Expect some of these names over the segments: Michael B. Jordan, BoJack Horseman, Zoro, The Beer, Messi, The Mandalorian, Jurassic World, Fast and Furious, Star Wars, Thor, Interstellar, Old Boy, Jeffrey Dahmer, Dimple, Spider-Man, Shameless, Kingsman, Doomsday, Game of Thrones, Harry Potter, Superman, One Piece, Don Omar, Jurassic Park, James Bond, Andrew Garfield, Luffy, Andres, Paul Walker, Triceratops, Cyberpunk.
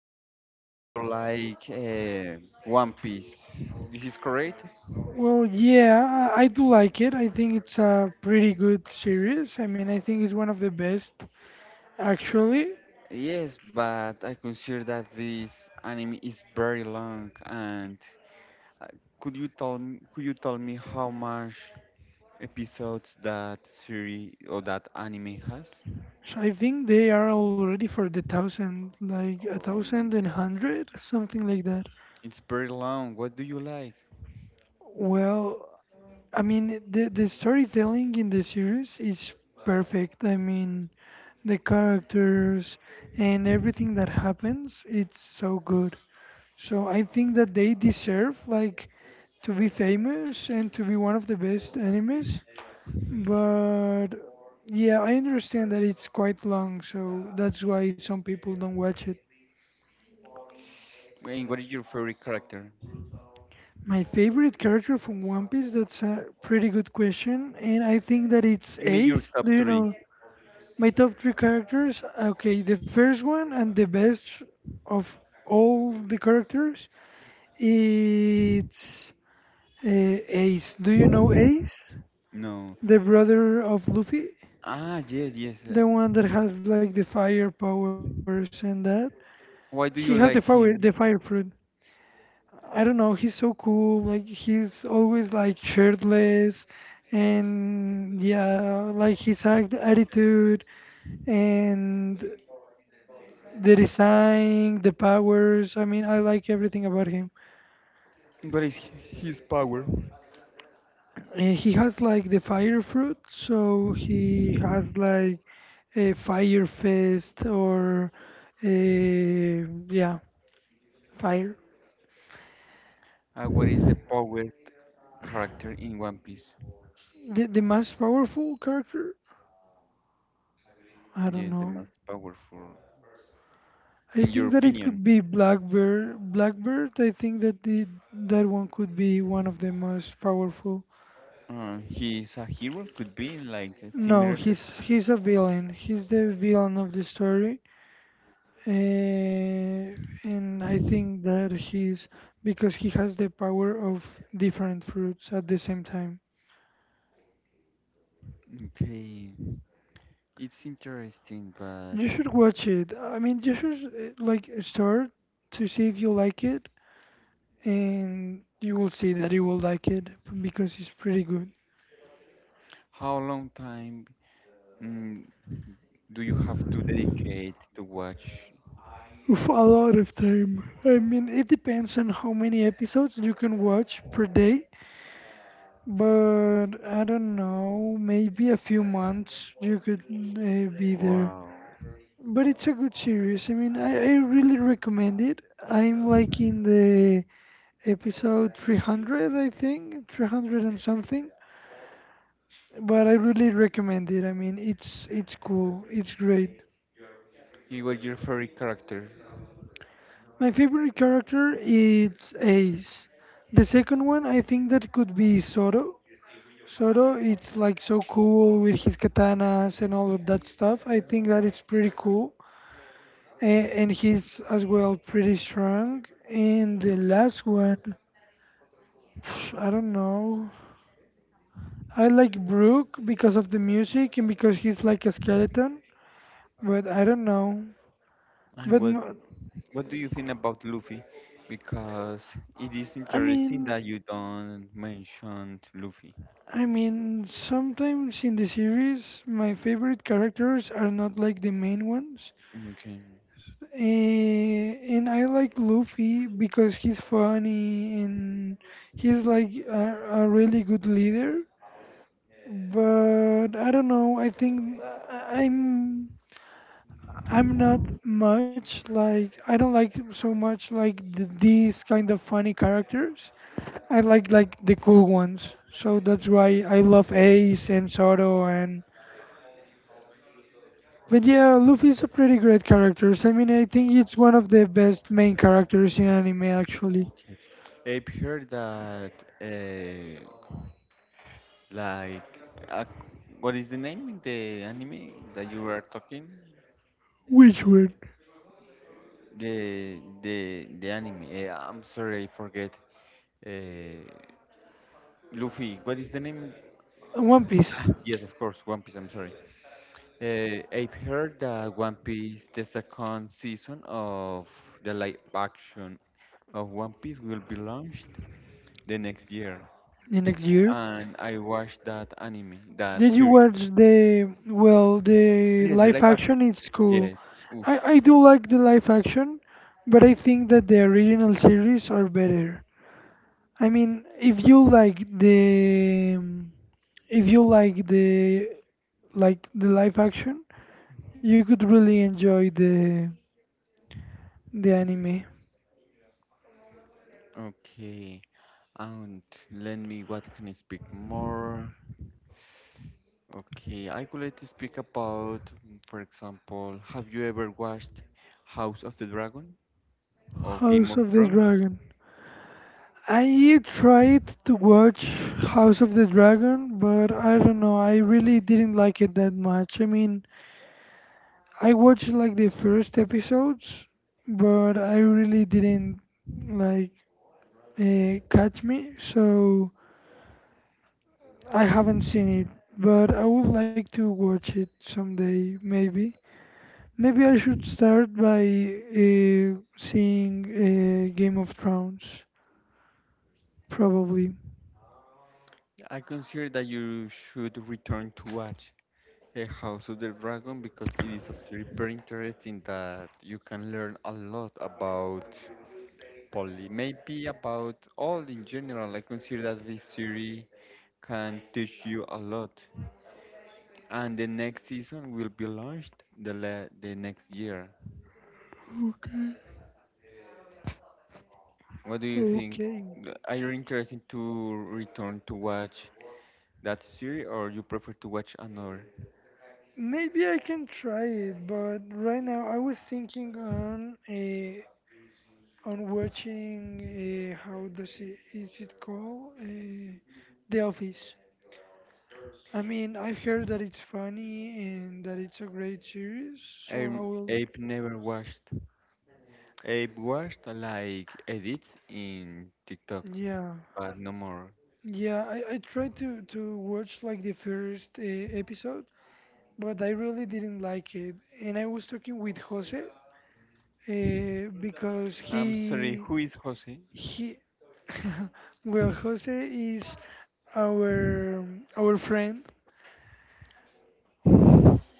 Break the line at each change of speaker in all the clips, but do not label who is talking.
heard that you like One Piece. This is correct?
Well, yeah, I do like it. I think it's a pretty good series. I mean, I think it's one of the best, actually.
Yes, but I consider that this anime is very long. And uh, could you tell me how much episodes that series or that anime has?
So I think they are already for the thousand, like a
Oh
thousand
my
and
God,
hundred, something like that.
it's very long. What do you like?
Well, I mean, the storytelling in the series is perfect. I mean, the characters and everything that happens, it's so good. So I think that they deserve like to be famous and to be one of the best animes. But yeah, I understand that it's quite long, so that's why some people don't watch it.
And what is your favorite character?
My favorite character from One Piece, that's a pretty good question, and I think that it's
Give me your
Ace.
top
Do you
three.
know my top three characters? Okay, the first one and the best of all the characters. It's Ace. Do you know Ace?
No.
The brother of Luffy?
Ah, yes, yes.
The one that has like the fire powers and that?
Why
He
do
has
you
the
like
fire the
him?
fire fruit. I don't know, he's so cool. Like he's always like shirtless and yeah, like his act attitude and the design, the powers. I mean, I like everything about him.
What is his power?
He has like the fire fruit, so he has like a fire fest or a yeah fire
And what is the powered character in One Piece?
the most powerful character. I
Yes, the
don't know,
most powerful, in
I
your
think that it
opinion.
could be blackbird. I think that the that one could be one of the most powerful.
He is a hero, could be like a similar
No,
to.
he's a villain. He's the villain of the story. Eh, and I think that he's because he has the power of different fruits at the same time.
Okay, it's interesting, but
You should watch it. I mean, you should like start to see if you like it, and you will see that you will like it because it's pretty good.
how long time mm, do you have to dedicate to watch?
Oof, a lot of time. I mean, it depends on how many episodes you can watch per day. But I don't know, maybe a few months you could be there.
Wow.
But it's a good series. I mean, I really recommend it. I'm like in the episode 300, I think, 300 and something. But I really recommend it. I mean, it's cool. It's great.
He was your favorite character,
My favorite character is Ace. The second one, I think that could be Zoro. Zoro, it's like so cool with his katanas and all of that stuff. I think that it's pretty cool. And he's as well pretty strong. And the last one, I don't know. I like Brook because of the music and because he's like a skeleton, but I don't know.
and
But no,
what do you think about Luffy? Because it is
I
interesting
mean,
that you don't mention Luffy.
I mean, sometimes in the series, my favorite characters are not like the main ones.
Okay.
And I like Luffy because he's funny and he's like a really good leader. But I don't know. I think I- I'm I'm not much like I don't like so much like th these kind of funny characters. I like the cool ones. So that's why I love Ace and Zoro and but yeah, Luffy's a pretty great character. So, I mean, I think it's one of the best main characters in anime, actually.
Okay. I've heard that, uh, like, uh, what is the name in the anime that you were talking?
Which one?
The anime. I'm sorry, I forget. Uh, Luffy. What is the name?
One Piece.
Ah, yes, of course, One Piece. I'm sorry. I've heard that One Piece, the second season of the live action of One Piece, will be launched the next year.
The next year.
And I watched that anime, that
Did you
series.
watch the well the
Yes, the
live
live action.
action? It's cool.
Yes. Oof.
I do like the live action, but I think that the original series are better. I mean, if you like the if you like the live action, you could really enjoy the anime.
Okay. And let me, what can I speak more? Okay, I would like to speak about, for example, have you ever watched House of the Dragon or
House
Game of
of the
Thrones?
Dragon. I tried to watch House of the Dragon, but I don't know, I really didn't like it that much. I mean, I watched like the first episodes, but I really didn't like catch me, so I haven't seen it. But I would like to watch it someday, maybe. Maybe I should start by seeing Game of Thrones, probably.
I consider that you should return to watch A House of the Dragon because it is a series very interesting that you can learn a lot about poly, maybe about all in general. I consider that this series can teach you a lot. And the next season will be launched the next year.
Okay.
What do you think?
Okay.
Are you interested to return to watch that series or you prefer to watch another?
Maybe I can try it, but right now I was thinking on a on watching a how does it is it called a The Office. I mean, I've heard that it's funny and that it's a great series, so
I
I will.
I've never watched I watched like edits in TikTok,
Yeah,
but no more.
yeah. I tried to watch like the first episode, but I really didn't like it, and I was talking with Jose because
I'm sorry, who is Jose?
he, well, Jose is our our friend.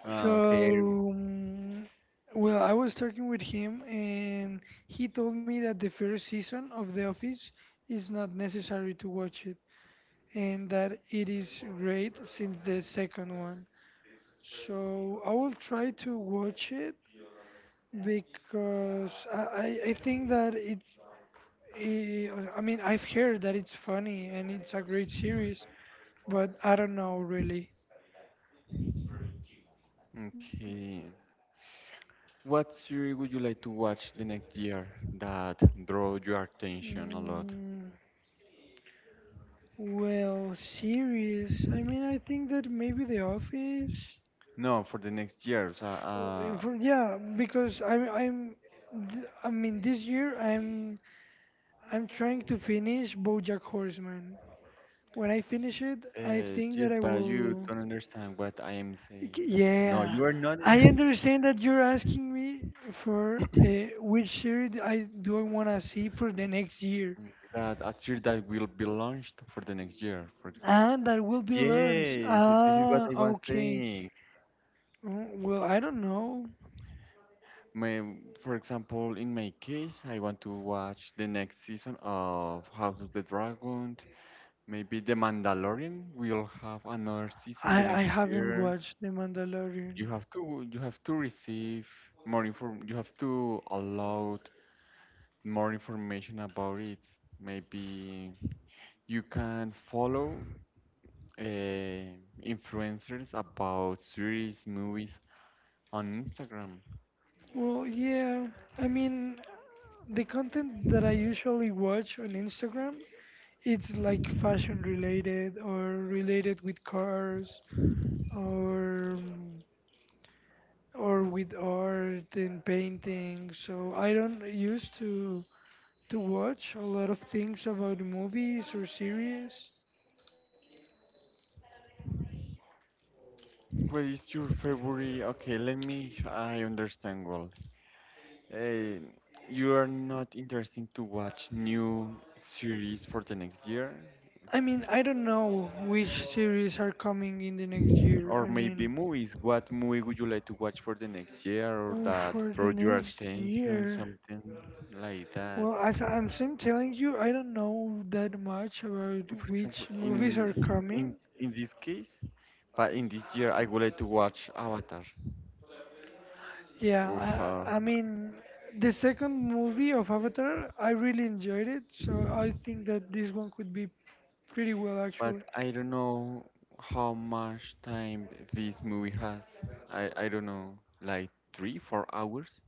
Ah, okay. I-
So, well, I was talking with him, and he told me that the first season of The Office is not necessary to watch it, and that it is great since the second one. So I will try to watch it because I think that it, eh, I mean I've heard that it's funny and it's a great series but I don't know really.
Okay. What series would you like to watch the next year that draw your attention a lot?
Mm, well, series. I mean, I think that maybe The Office.
No, for the next years.
F- yeah, because I mean this year I'm trying to finish BoJack Horseman. When I finish it, I think that I
Just but you
will.
don't understand what I am saying. No,
Yeah,
you are not.
I
In-
understand that you're asking me for which series I want to see for the next year.
Mm, that a series that will be launched for the next year.
And that will be lunch.
Yes, this is what
Ah,
I was
okay.
saying.
Well, I don't know.
May, for example, in my case, I want to watch the next season of House of the Dragon. Maybe The Mandalorian will have another season the
I
next
haven't
year.
watched The Mandalorian.
You have to receive more inform you have to allow more information about it. Maybe you can follow uh, influencers about series, movies on Instagram.
Well, yeah. I mean, the content that I usually watch on Instagram, it's like fashion related or related with cars or um, or with art and painting. So I don't used to watch a lot of things about movies or series.
What is your favorite? Okay, let me. I understand well. Eh, you are not interested to watch new series for the next year,
I mean, I don't know which series are coming in the next year. I
or
mean,
maybe movies. What movie would you like to watch for the next year, or
oh,
that
for the
draw your
next
attention,
year.
something like that?
Well, as I'm sim telling you, I don't know that much about
For
which
example,
movies are coming.
in this case, but in this year, I would like to watch Avatar. Oof,
Yeah,
uh,
I mean, the second movie of Avatar, I really enjoyed it, so I think that this one could be pretty well actually.
but I don't know how much time this movie has. I don't know, like three, 4 hours.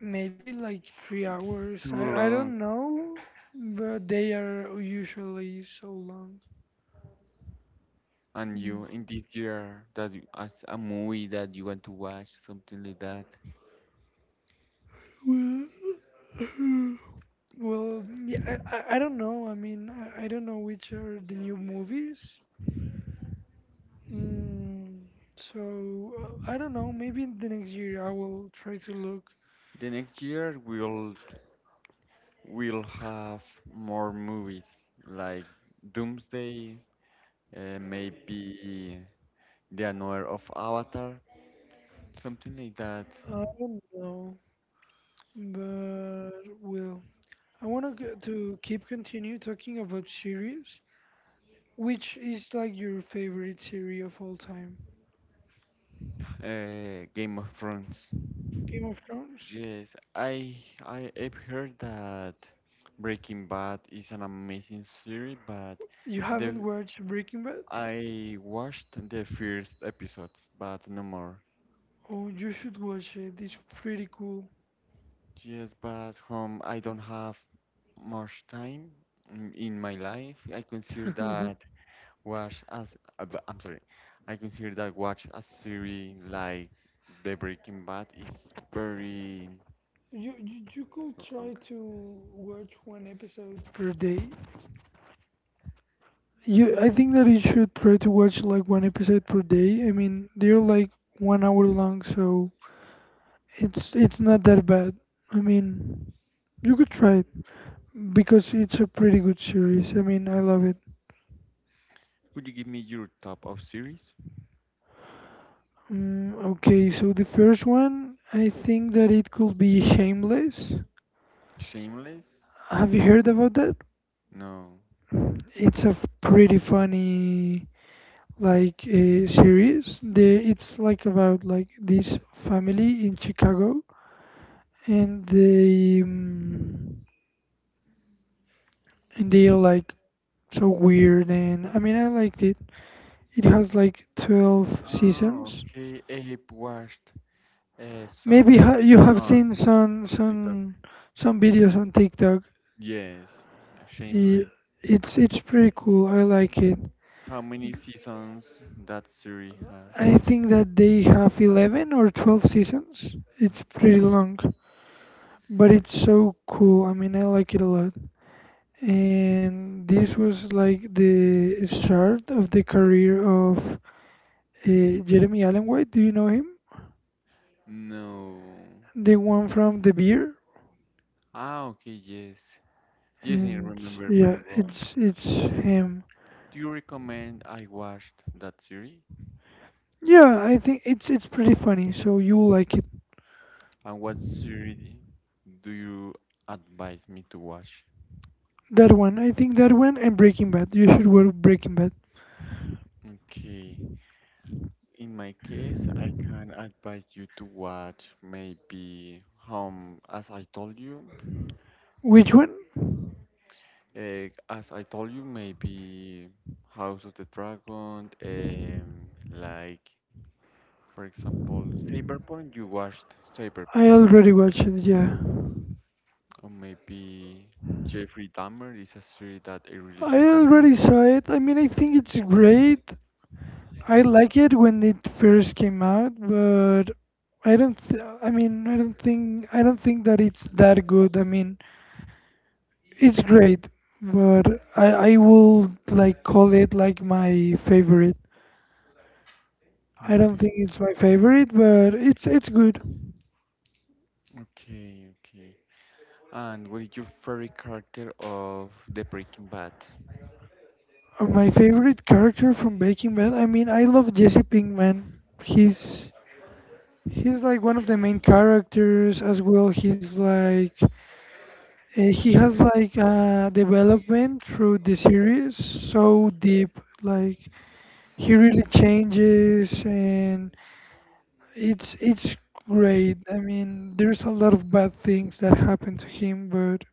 Maybe like three
It's
hours.
too
I don't
long.
know, but they are usually so long.
And you in this year that you, as a movie that you want to watch, something like that.
Well, well, yeah, I don't know. I mean, I don't know which are the new movies. Mm, so I don't know. Maybe the next year I will try to look.
The next year we'll have more movies like Doomsday, maybe The Another of Avatar, something like that.
I don't know, but well, I want to keep continue talking about series. Which is like your favorite series of all time?
Game of Thrones.
Game of Thrones?
Yes, I I have heard that Breaking Bad is an amazing series, but
You
the
haven't watched Breaking Bad?
I watched the first episodes, but no more.
Oh, you should watch it. It's pretty cool.
Yes, but I don't have much time in my life. I consider that watch as I'm sorry. I consider that watch a series like The Breaking Bad is very
You could try
long.
to watch one episode per day. You, I think that you should try to watch like one episode per day. I mean, they're like 1 hour long, so it's not that bad. I mean, you could try it because it's a pretty good series. I mean, I love it.
Could you give me your top of series?
Okay, so the first one, I think that it could be Shameless.
Shameless?
Have you heard about that?
No.
It's a pretty funny like a series. They, it's like about like this family in Chicago, and they um, and they are like so weird. And I mean, I liked it. It has like 12
Oh,
seasons.
okay. I watched
Maybe
some
ha you have
on
seen
in TikTok.
some videos on TikTok.
Yes,
I-
Shameless.
It's pretty cool. I like it.
How many seasons that series has?
I think that they have 11 or 12 seasons. It's pretty long. But it's so cool. I mean, I like it a lot. And this was like the start of the career of Jeremy Allen White. Do you know him?
No.
The one from The Beer.
Ah, okay, yes. Yes, I
And
remember
yeah,
very well.
it's him.
Do you recommend I watched that series?
Yeah, I think it's pretty funny. So you will like it.
And what series do you advise me to watch?
That one, I think that one and Breaking Bad. You should watch Breaking Bad.
Okay. In my case, I can advise you to watch maybe Home, as I told you.
Which one?
As I told you, maybe House of the Dragon, like for example, Cyberpunk, you watched Cyberpunk,
I already watched it. Yeah.
or maybe Jeffrey Dahmer is a series that I really
I already saw it. I mean, I think it's great. I like it when it first came out, but I mean, I don't think that it's that good. I mean, it's great, but I will like call it like my favorite. I don't
okay,
think it's my favorite, but it's good.
okay, okay. And what is your favorite character of The Breaking Bad?
My favorite character from Breaking Bad. I mean, I love Jesse Pinkman. He's he's like one of the main characters as well. He's like he has like development through the series so deep like he really changes and it's great. I mean there's a lot of bad things that happen to him but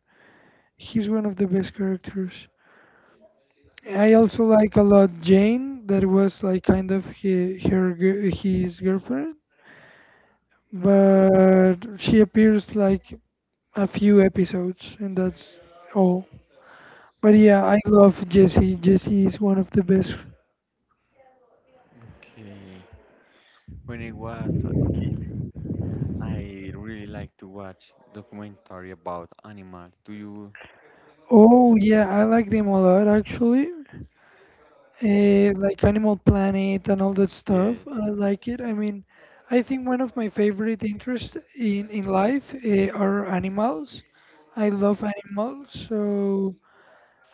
he's one of the best characters. I also like a lot Jane, that was like kind of his girlfriend but she appears like a few episodes and that's all. But yeah, I love Jesse. Jesse is one of the best.
Okay. When I was a kid, I really like to watch documentary about animals. Do you?
Oh yeah, I like them a lot actually. Like Animal Planet and all that stuff.
Yes.
I like it. I mean, I think one of my favorite interests in life are animals. I love animals, so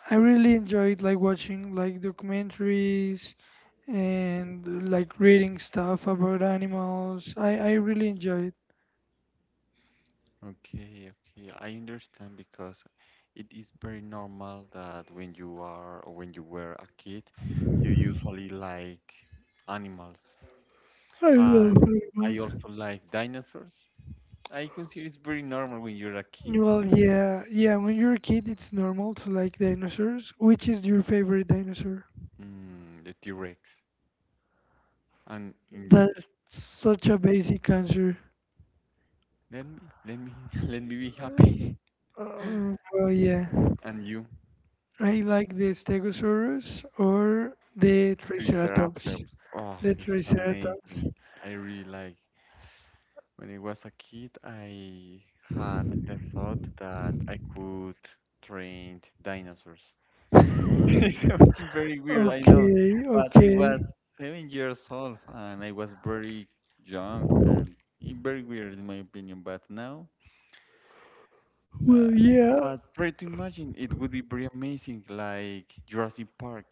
I really enjoyed like watching like documentaries and like reading stuff about animals. I really enjoy it.
Okay, okay. I understand because it is very normal that when you are or when you were a kid, you usually like animals.
I
And
love
I
animals.
also like dinosaurs. I consider it's very normal when you're a kid.
Well, yeah, yeah. When you're a kid, it's normal to like dinosaurs. Which is your favorite dinosaur?
Mm, the T-Rex. And in you,
That's such a basic answer.
let me, let me, let me be happy.
Um, well, yeah.
And you,
I like the Stegosaurus or the Triceratops.
Triceratops. Oh,
The
this is
Triceratops.
amazing. I really like. When I was a kid, I had the thought that I could train dinosaurs. It's something very weird, I know,
Okay,
but I
okay.
was 7 years old and I was very young and very weird in my opinion. But now, uh,
Well, yeah.
but try to imagine it would be very amazing, like Jurassic Park.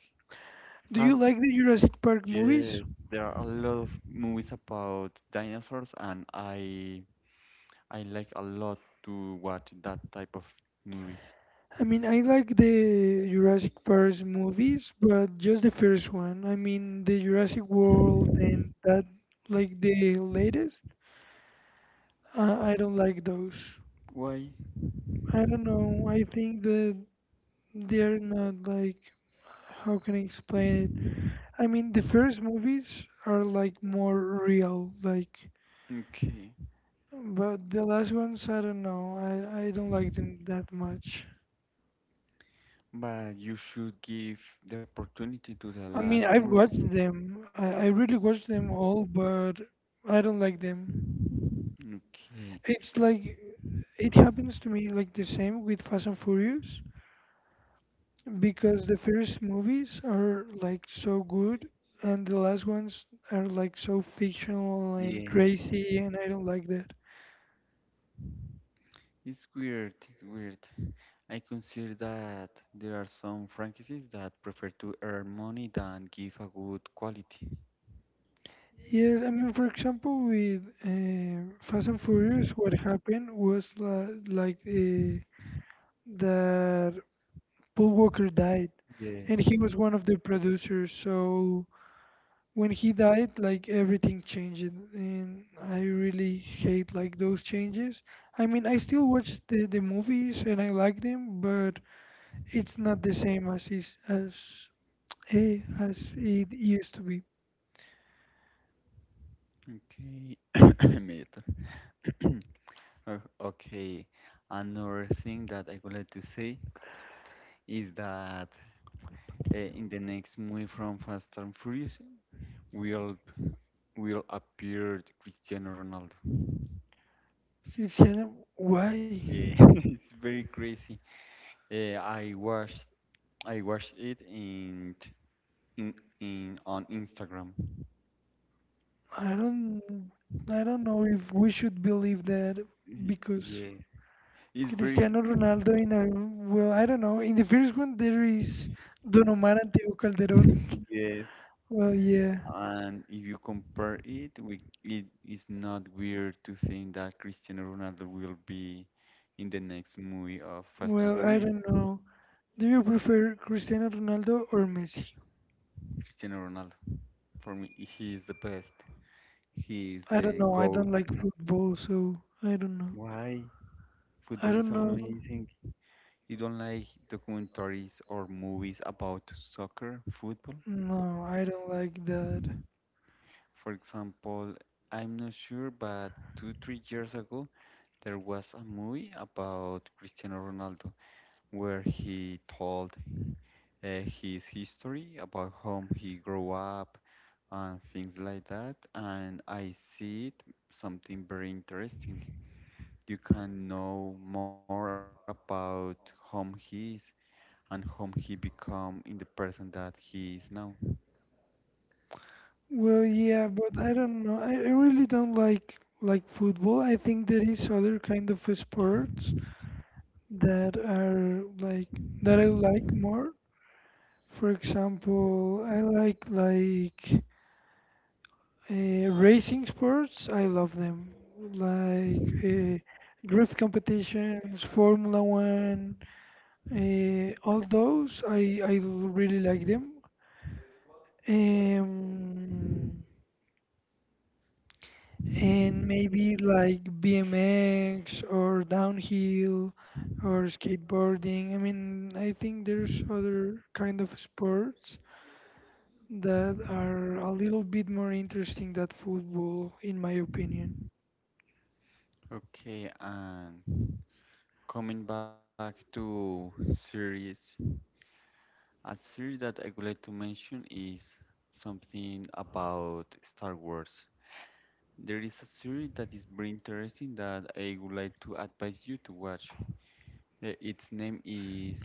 Do you
Have
like the Jurassic Park movies?
yes, there are a lot of movies about dinosaurs, and I like a lot to watch that type of movies.
I mean, I like the Jurassic Park movies, but just the first one. I mean, the Jurassic World and that, like the latest, I don't like those.
Why?
I don't know. I think that they're not like, how can I explain it? I mean, the first movies are like more real, like,
Okay,
but the last ones, I don't know. I don't like them that much.
but you should give the opportunity to the
I
last
mean, I've
movie.
watched them. I really watched them all, but I don't like them.
Okay,
It's like it happens to me like the same with Fast and Furious because the first movies are like so good and the last ones are like so fictional and
yes,
crazy, and I don't like that.
it's weird, it's weird. I consider that there are some franchises that prefer to earn money than give a good quality.
Yes, I mean, for example, with Fast and Furious, what happened was like that Paul Walker died,
Yes.
and he was one of the producers. So when he died, like everything changed, and I really hate like those changes. I mean, I still watch the movies and I like them, but it's not the same as as it used to be.
Okay, me too. Okay, another thing that I would like to say is that in the next movie from Fast and Furious, will will appear Cristiano Ronaldo.
Cristiano, why?
Yeah, it's very crazy. Uh, I watched I watched it in, in on Instagram.
I don't I don't know if we should believe that because
Yeah, it's very
Cristiano Ronaldo in a well, I don't know. In the first one there is Don Omar and Teo Calderón.
yes.
Well, yeah.
And if you compare it, we, it is not weird to think that Cristiano Ronaldo will be in the next movie of Fast
Well,
and
I
Furious.
don't know. Do you prefer Cristiano Ronaldo or Messi?
Cristiano Ronaldo, for me, he is the best. He is
I don't
the
know. I don't
GOAT.
like football, so I don't know.
Why?
I
Football is
don't know.
amazing. You don't like documentaries or movies about soccer, football?
No, I don't like that.
For example, I'm not sure, but two, 3 years ago, there was a movie about Cristiano Ronaldo where he told his history about how he grew up and things like that. And I see it something very interesting. You can know more about whom he is and whom he become in the person that he is now.
Well, yeah, but I don't know. I really don't like football. I think there is other kind of sports that are like that I like more. For example, I like racing sports. I love them, like drift competitions, Formula One, all those. I really like them. Um, and maybe like BMX or downhill or skateboarding. I mean, I think there's other kind of sports that are a little bit more interesting than football, in my opinion.
Okay, and coming back to series, a series that I would like to mention is something about Star Wars. There is a series that is very interesting that I would like to advise you to watch. Its name is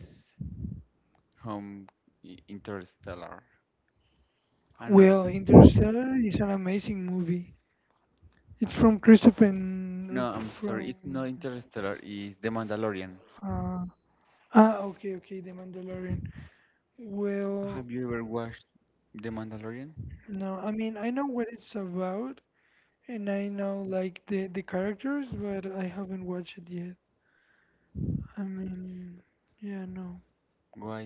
Home Interstellar. I know.
Well, Interstellar is an amazing movie. It's from Christopher
No,
N-
I'm sorry. It's
from
not Interstellar. It's The Mandalorian.
uh, ah okay, okay, The Mandalorian. Well,
Have you ever watched The Mandalorian?
no, I mean I know what it's about and I know like the characters, but I haven't watched it yet. I mean, yeah, no.
Why?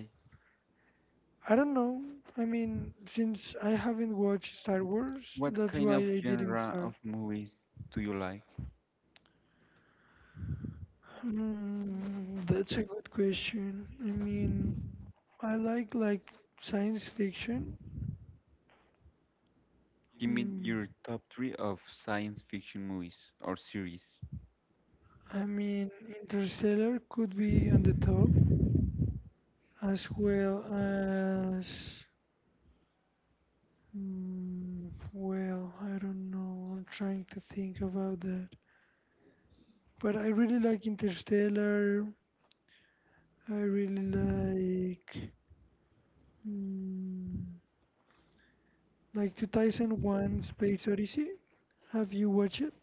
I don't know. I mean, since I haven't watched Star Wars,
What
that's why
kind
I
of
didn't
genre
start.
of movies do you like?
That's a good question. I mean, I like science fiction.
Give me
Hmm,
your top three of science fiction movies or series.
I mean, Interstellar could be on the top, as well as hmm, well, I don't know. I'm trying to think about that. But I really like Interstellar. I really like hmm, like 2001 Space Odyssey. Have you watched it?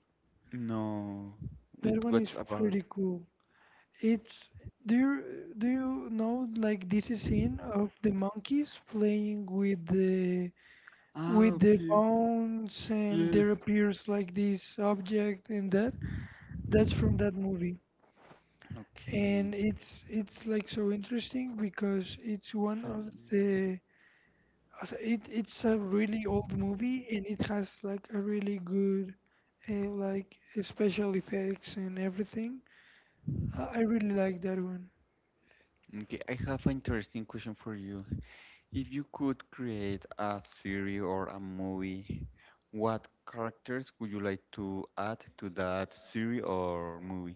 No, it
That one
what's
is
about?
pretty cool. It's do you do you know like this is scene of the monkeys playing
Ah,
with the
okay.
bones and
Yes.
there appears like this object and that that's from that movie and
Okay.
it's like so interesting because it's one of
Sci-
the it's a really old movie and it has like a really good special effects and everything. I really like that one.
okay, I have an interesting question for you. If you could create a series or a movie, what characters would you like to add to that series or movie?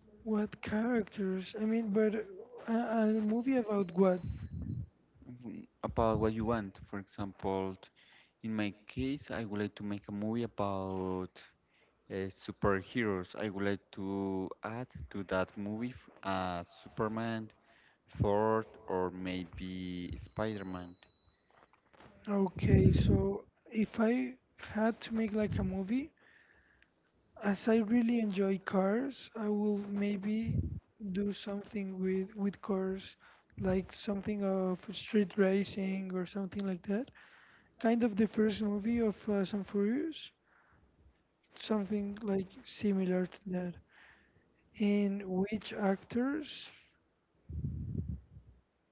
What characters? I mean, but a, a movie about what?
Mm, about what you want. For example, in my case, I would like to make a movie about superheroes. I would like to add to that movie Superman, Thor, or maybe Spider-Man.
Okay, so if I had to make like a movie, as I really enjoy cars, I will maybe do something with cars, like something of street racing or something like that. Kind of the first movie of Fast and Furious, something like similar to that. And which actors?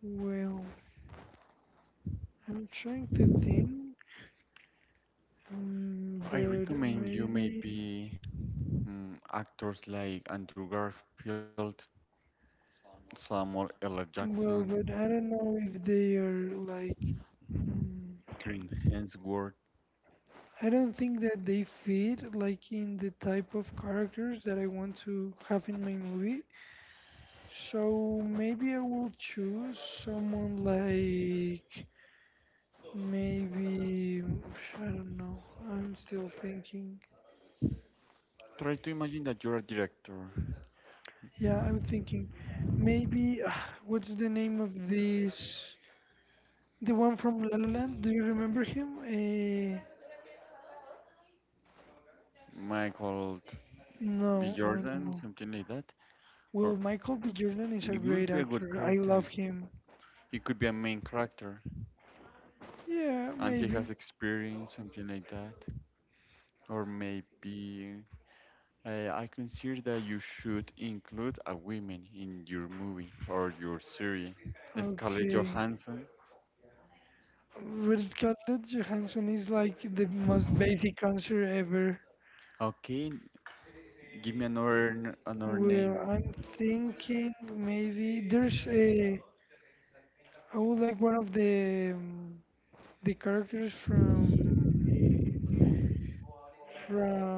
Well, I'm trying to think.
I
But
recommend you
maybe.
maybe mm actors like Andrew Garfield Samuel L. Jackson,
Well, but I don't know if they are like. Mm,
Green Hemsworth.
I don't think that they fit like in the type of characters that I want to have in my movie. So maybe I will choose someone like maybe I don't know. I'm still thinking.
Try to imagine that you're a director,
Yeah, I'm thinking. Maybe what's the name of this? The one from La La Land, do you remember him? Uh,
Michael B.
no, no, no,
Jordan,
no.
something like that, or
Well, Michael B. Jordan
it
is a
would be
great
a good
actor. I
character.
love him.
He could be a main character,
Yeah,
and he has
maybe.
experience, something like that. Or maybe I consider that you should include a woman in your movie or your series. Scarlett
Okay.
Johansson.
Red Scarlett Johansson is like the most basic answer ever.
Okay, give me another another name.
Well, I'm thinking maybe there's a. I would like one of the the characters from from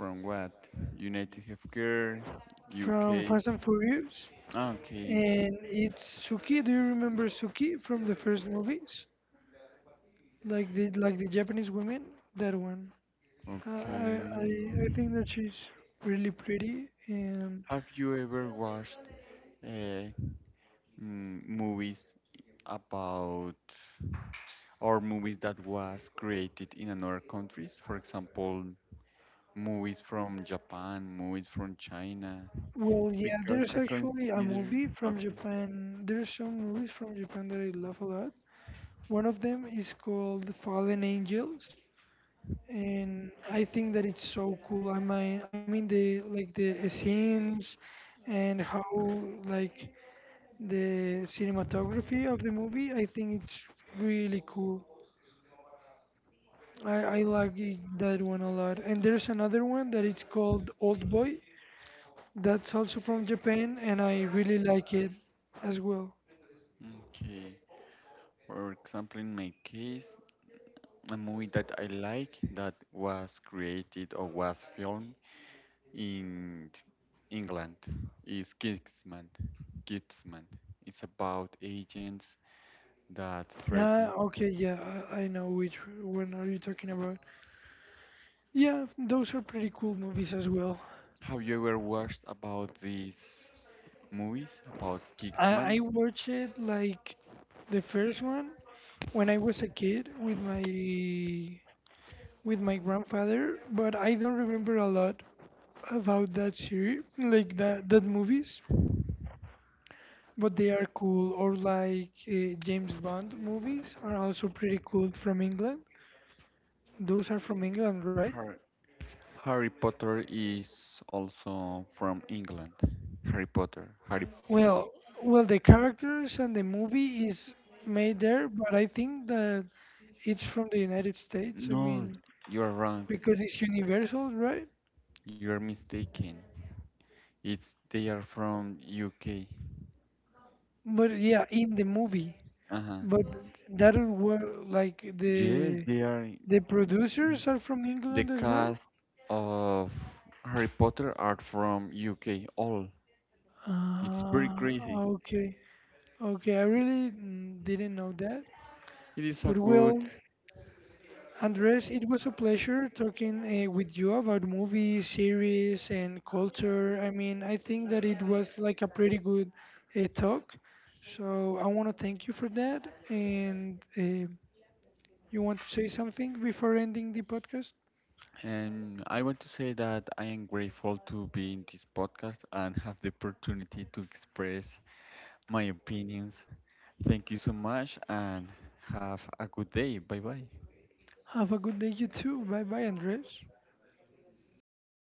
From what? United Healthcare,
from
UK.
Fast and Furious.
Ah, okay,
And it's Suki. Do you remember Suki from the first movies? Like the Japanese women, that one. Uh, I I
okay.
I think that she's really pretty. And
Have you ever watched uh, movies about or movies that was created in another countries? For example, movies from Japan, movies from China.
well, yeah,
Because I
there's actually a
consider
movie from
okay,
Japan. There's some movies from Japan that I love a lot. One of them is called Fallen Angels, and I think that it's so cool. I mean the like the scenes and how like the cinematography of the movie, I think it's really cool. I like it- that one a lot. And there's another one that it's called Old Boy. That's also from Japan, and I really like it as well.
okay. For example, in my case, a movie that I like that was created or was filmed in England is Kingsman. Kingsman. It's about agents that try to.
Ah, okay, yeah, I know which one are you talking about. Yeah, those are pretty cool movies as well.
Have you ever watched about these movies about
I
Kingsman?
watched it like the first one when I was a kid with my grandfather, but I don't remember a lot about that series, like that movies, but they are cool. Or like James Bond movies are also pretty cool from England. Those are from England, right?
Har- Harry Potter is also from England. Harry Potter. Harry.
Well, well, the characters and the movie is made there, but I think that it's from the United States. I mean,
No, you are wrong.
because it's universal, right?
You are mistaken. It's they are from UK.
But yeah, in the movie,
Uh
but
huh.
that where like
Yes,
the
they are.
the producers are from
The
England as well.
cast of Harry Potter are from UK, all. It's pretty
Ah,
crazy.
okay. Okay, I really didn't know that.
It is a
But
good,
well, Andres, it was a pleasure talking with you about movies, series, and culture. I mean, I think that it was like a pretty good talk. So I want to thank you for that. And you want to say something before ending the podcast?
and I want to say that I am grateful to be in this podcast and have the opportunity to express my opinions. Thank you so much and have a good day. Bye bye.
Have a good day, you too. Bye bye, Andres.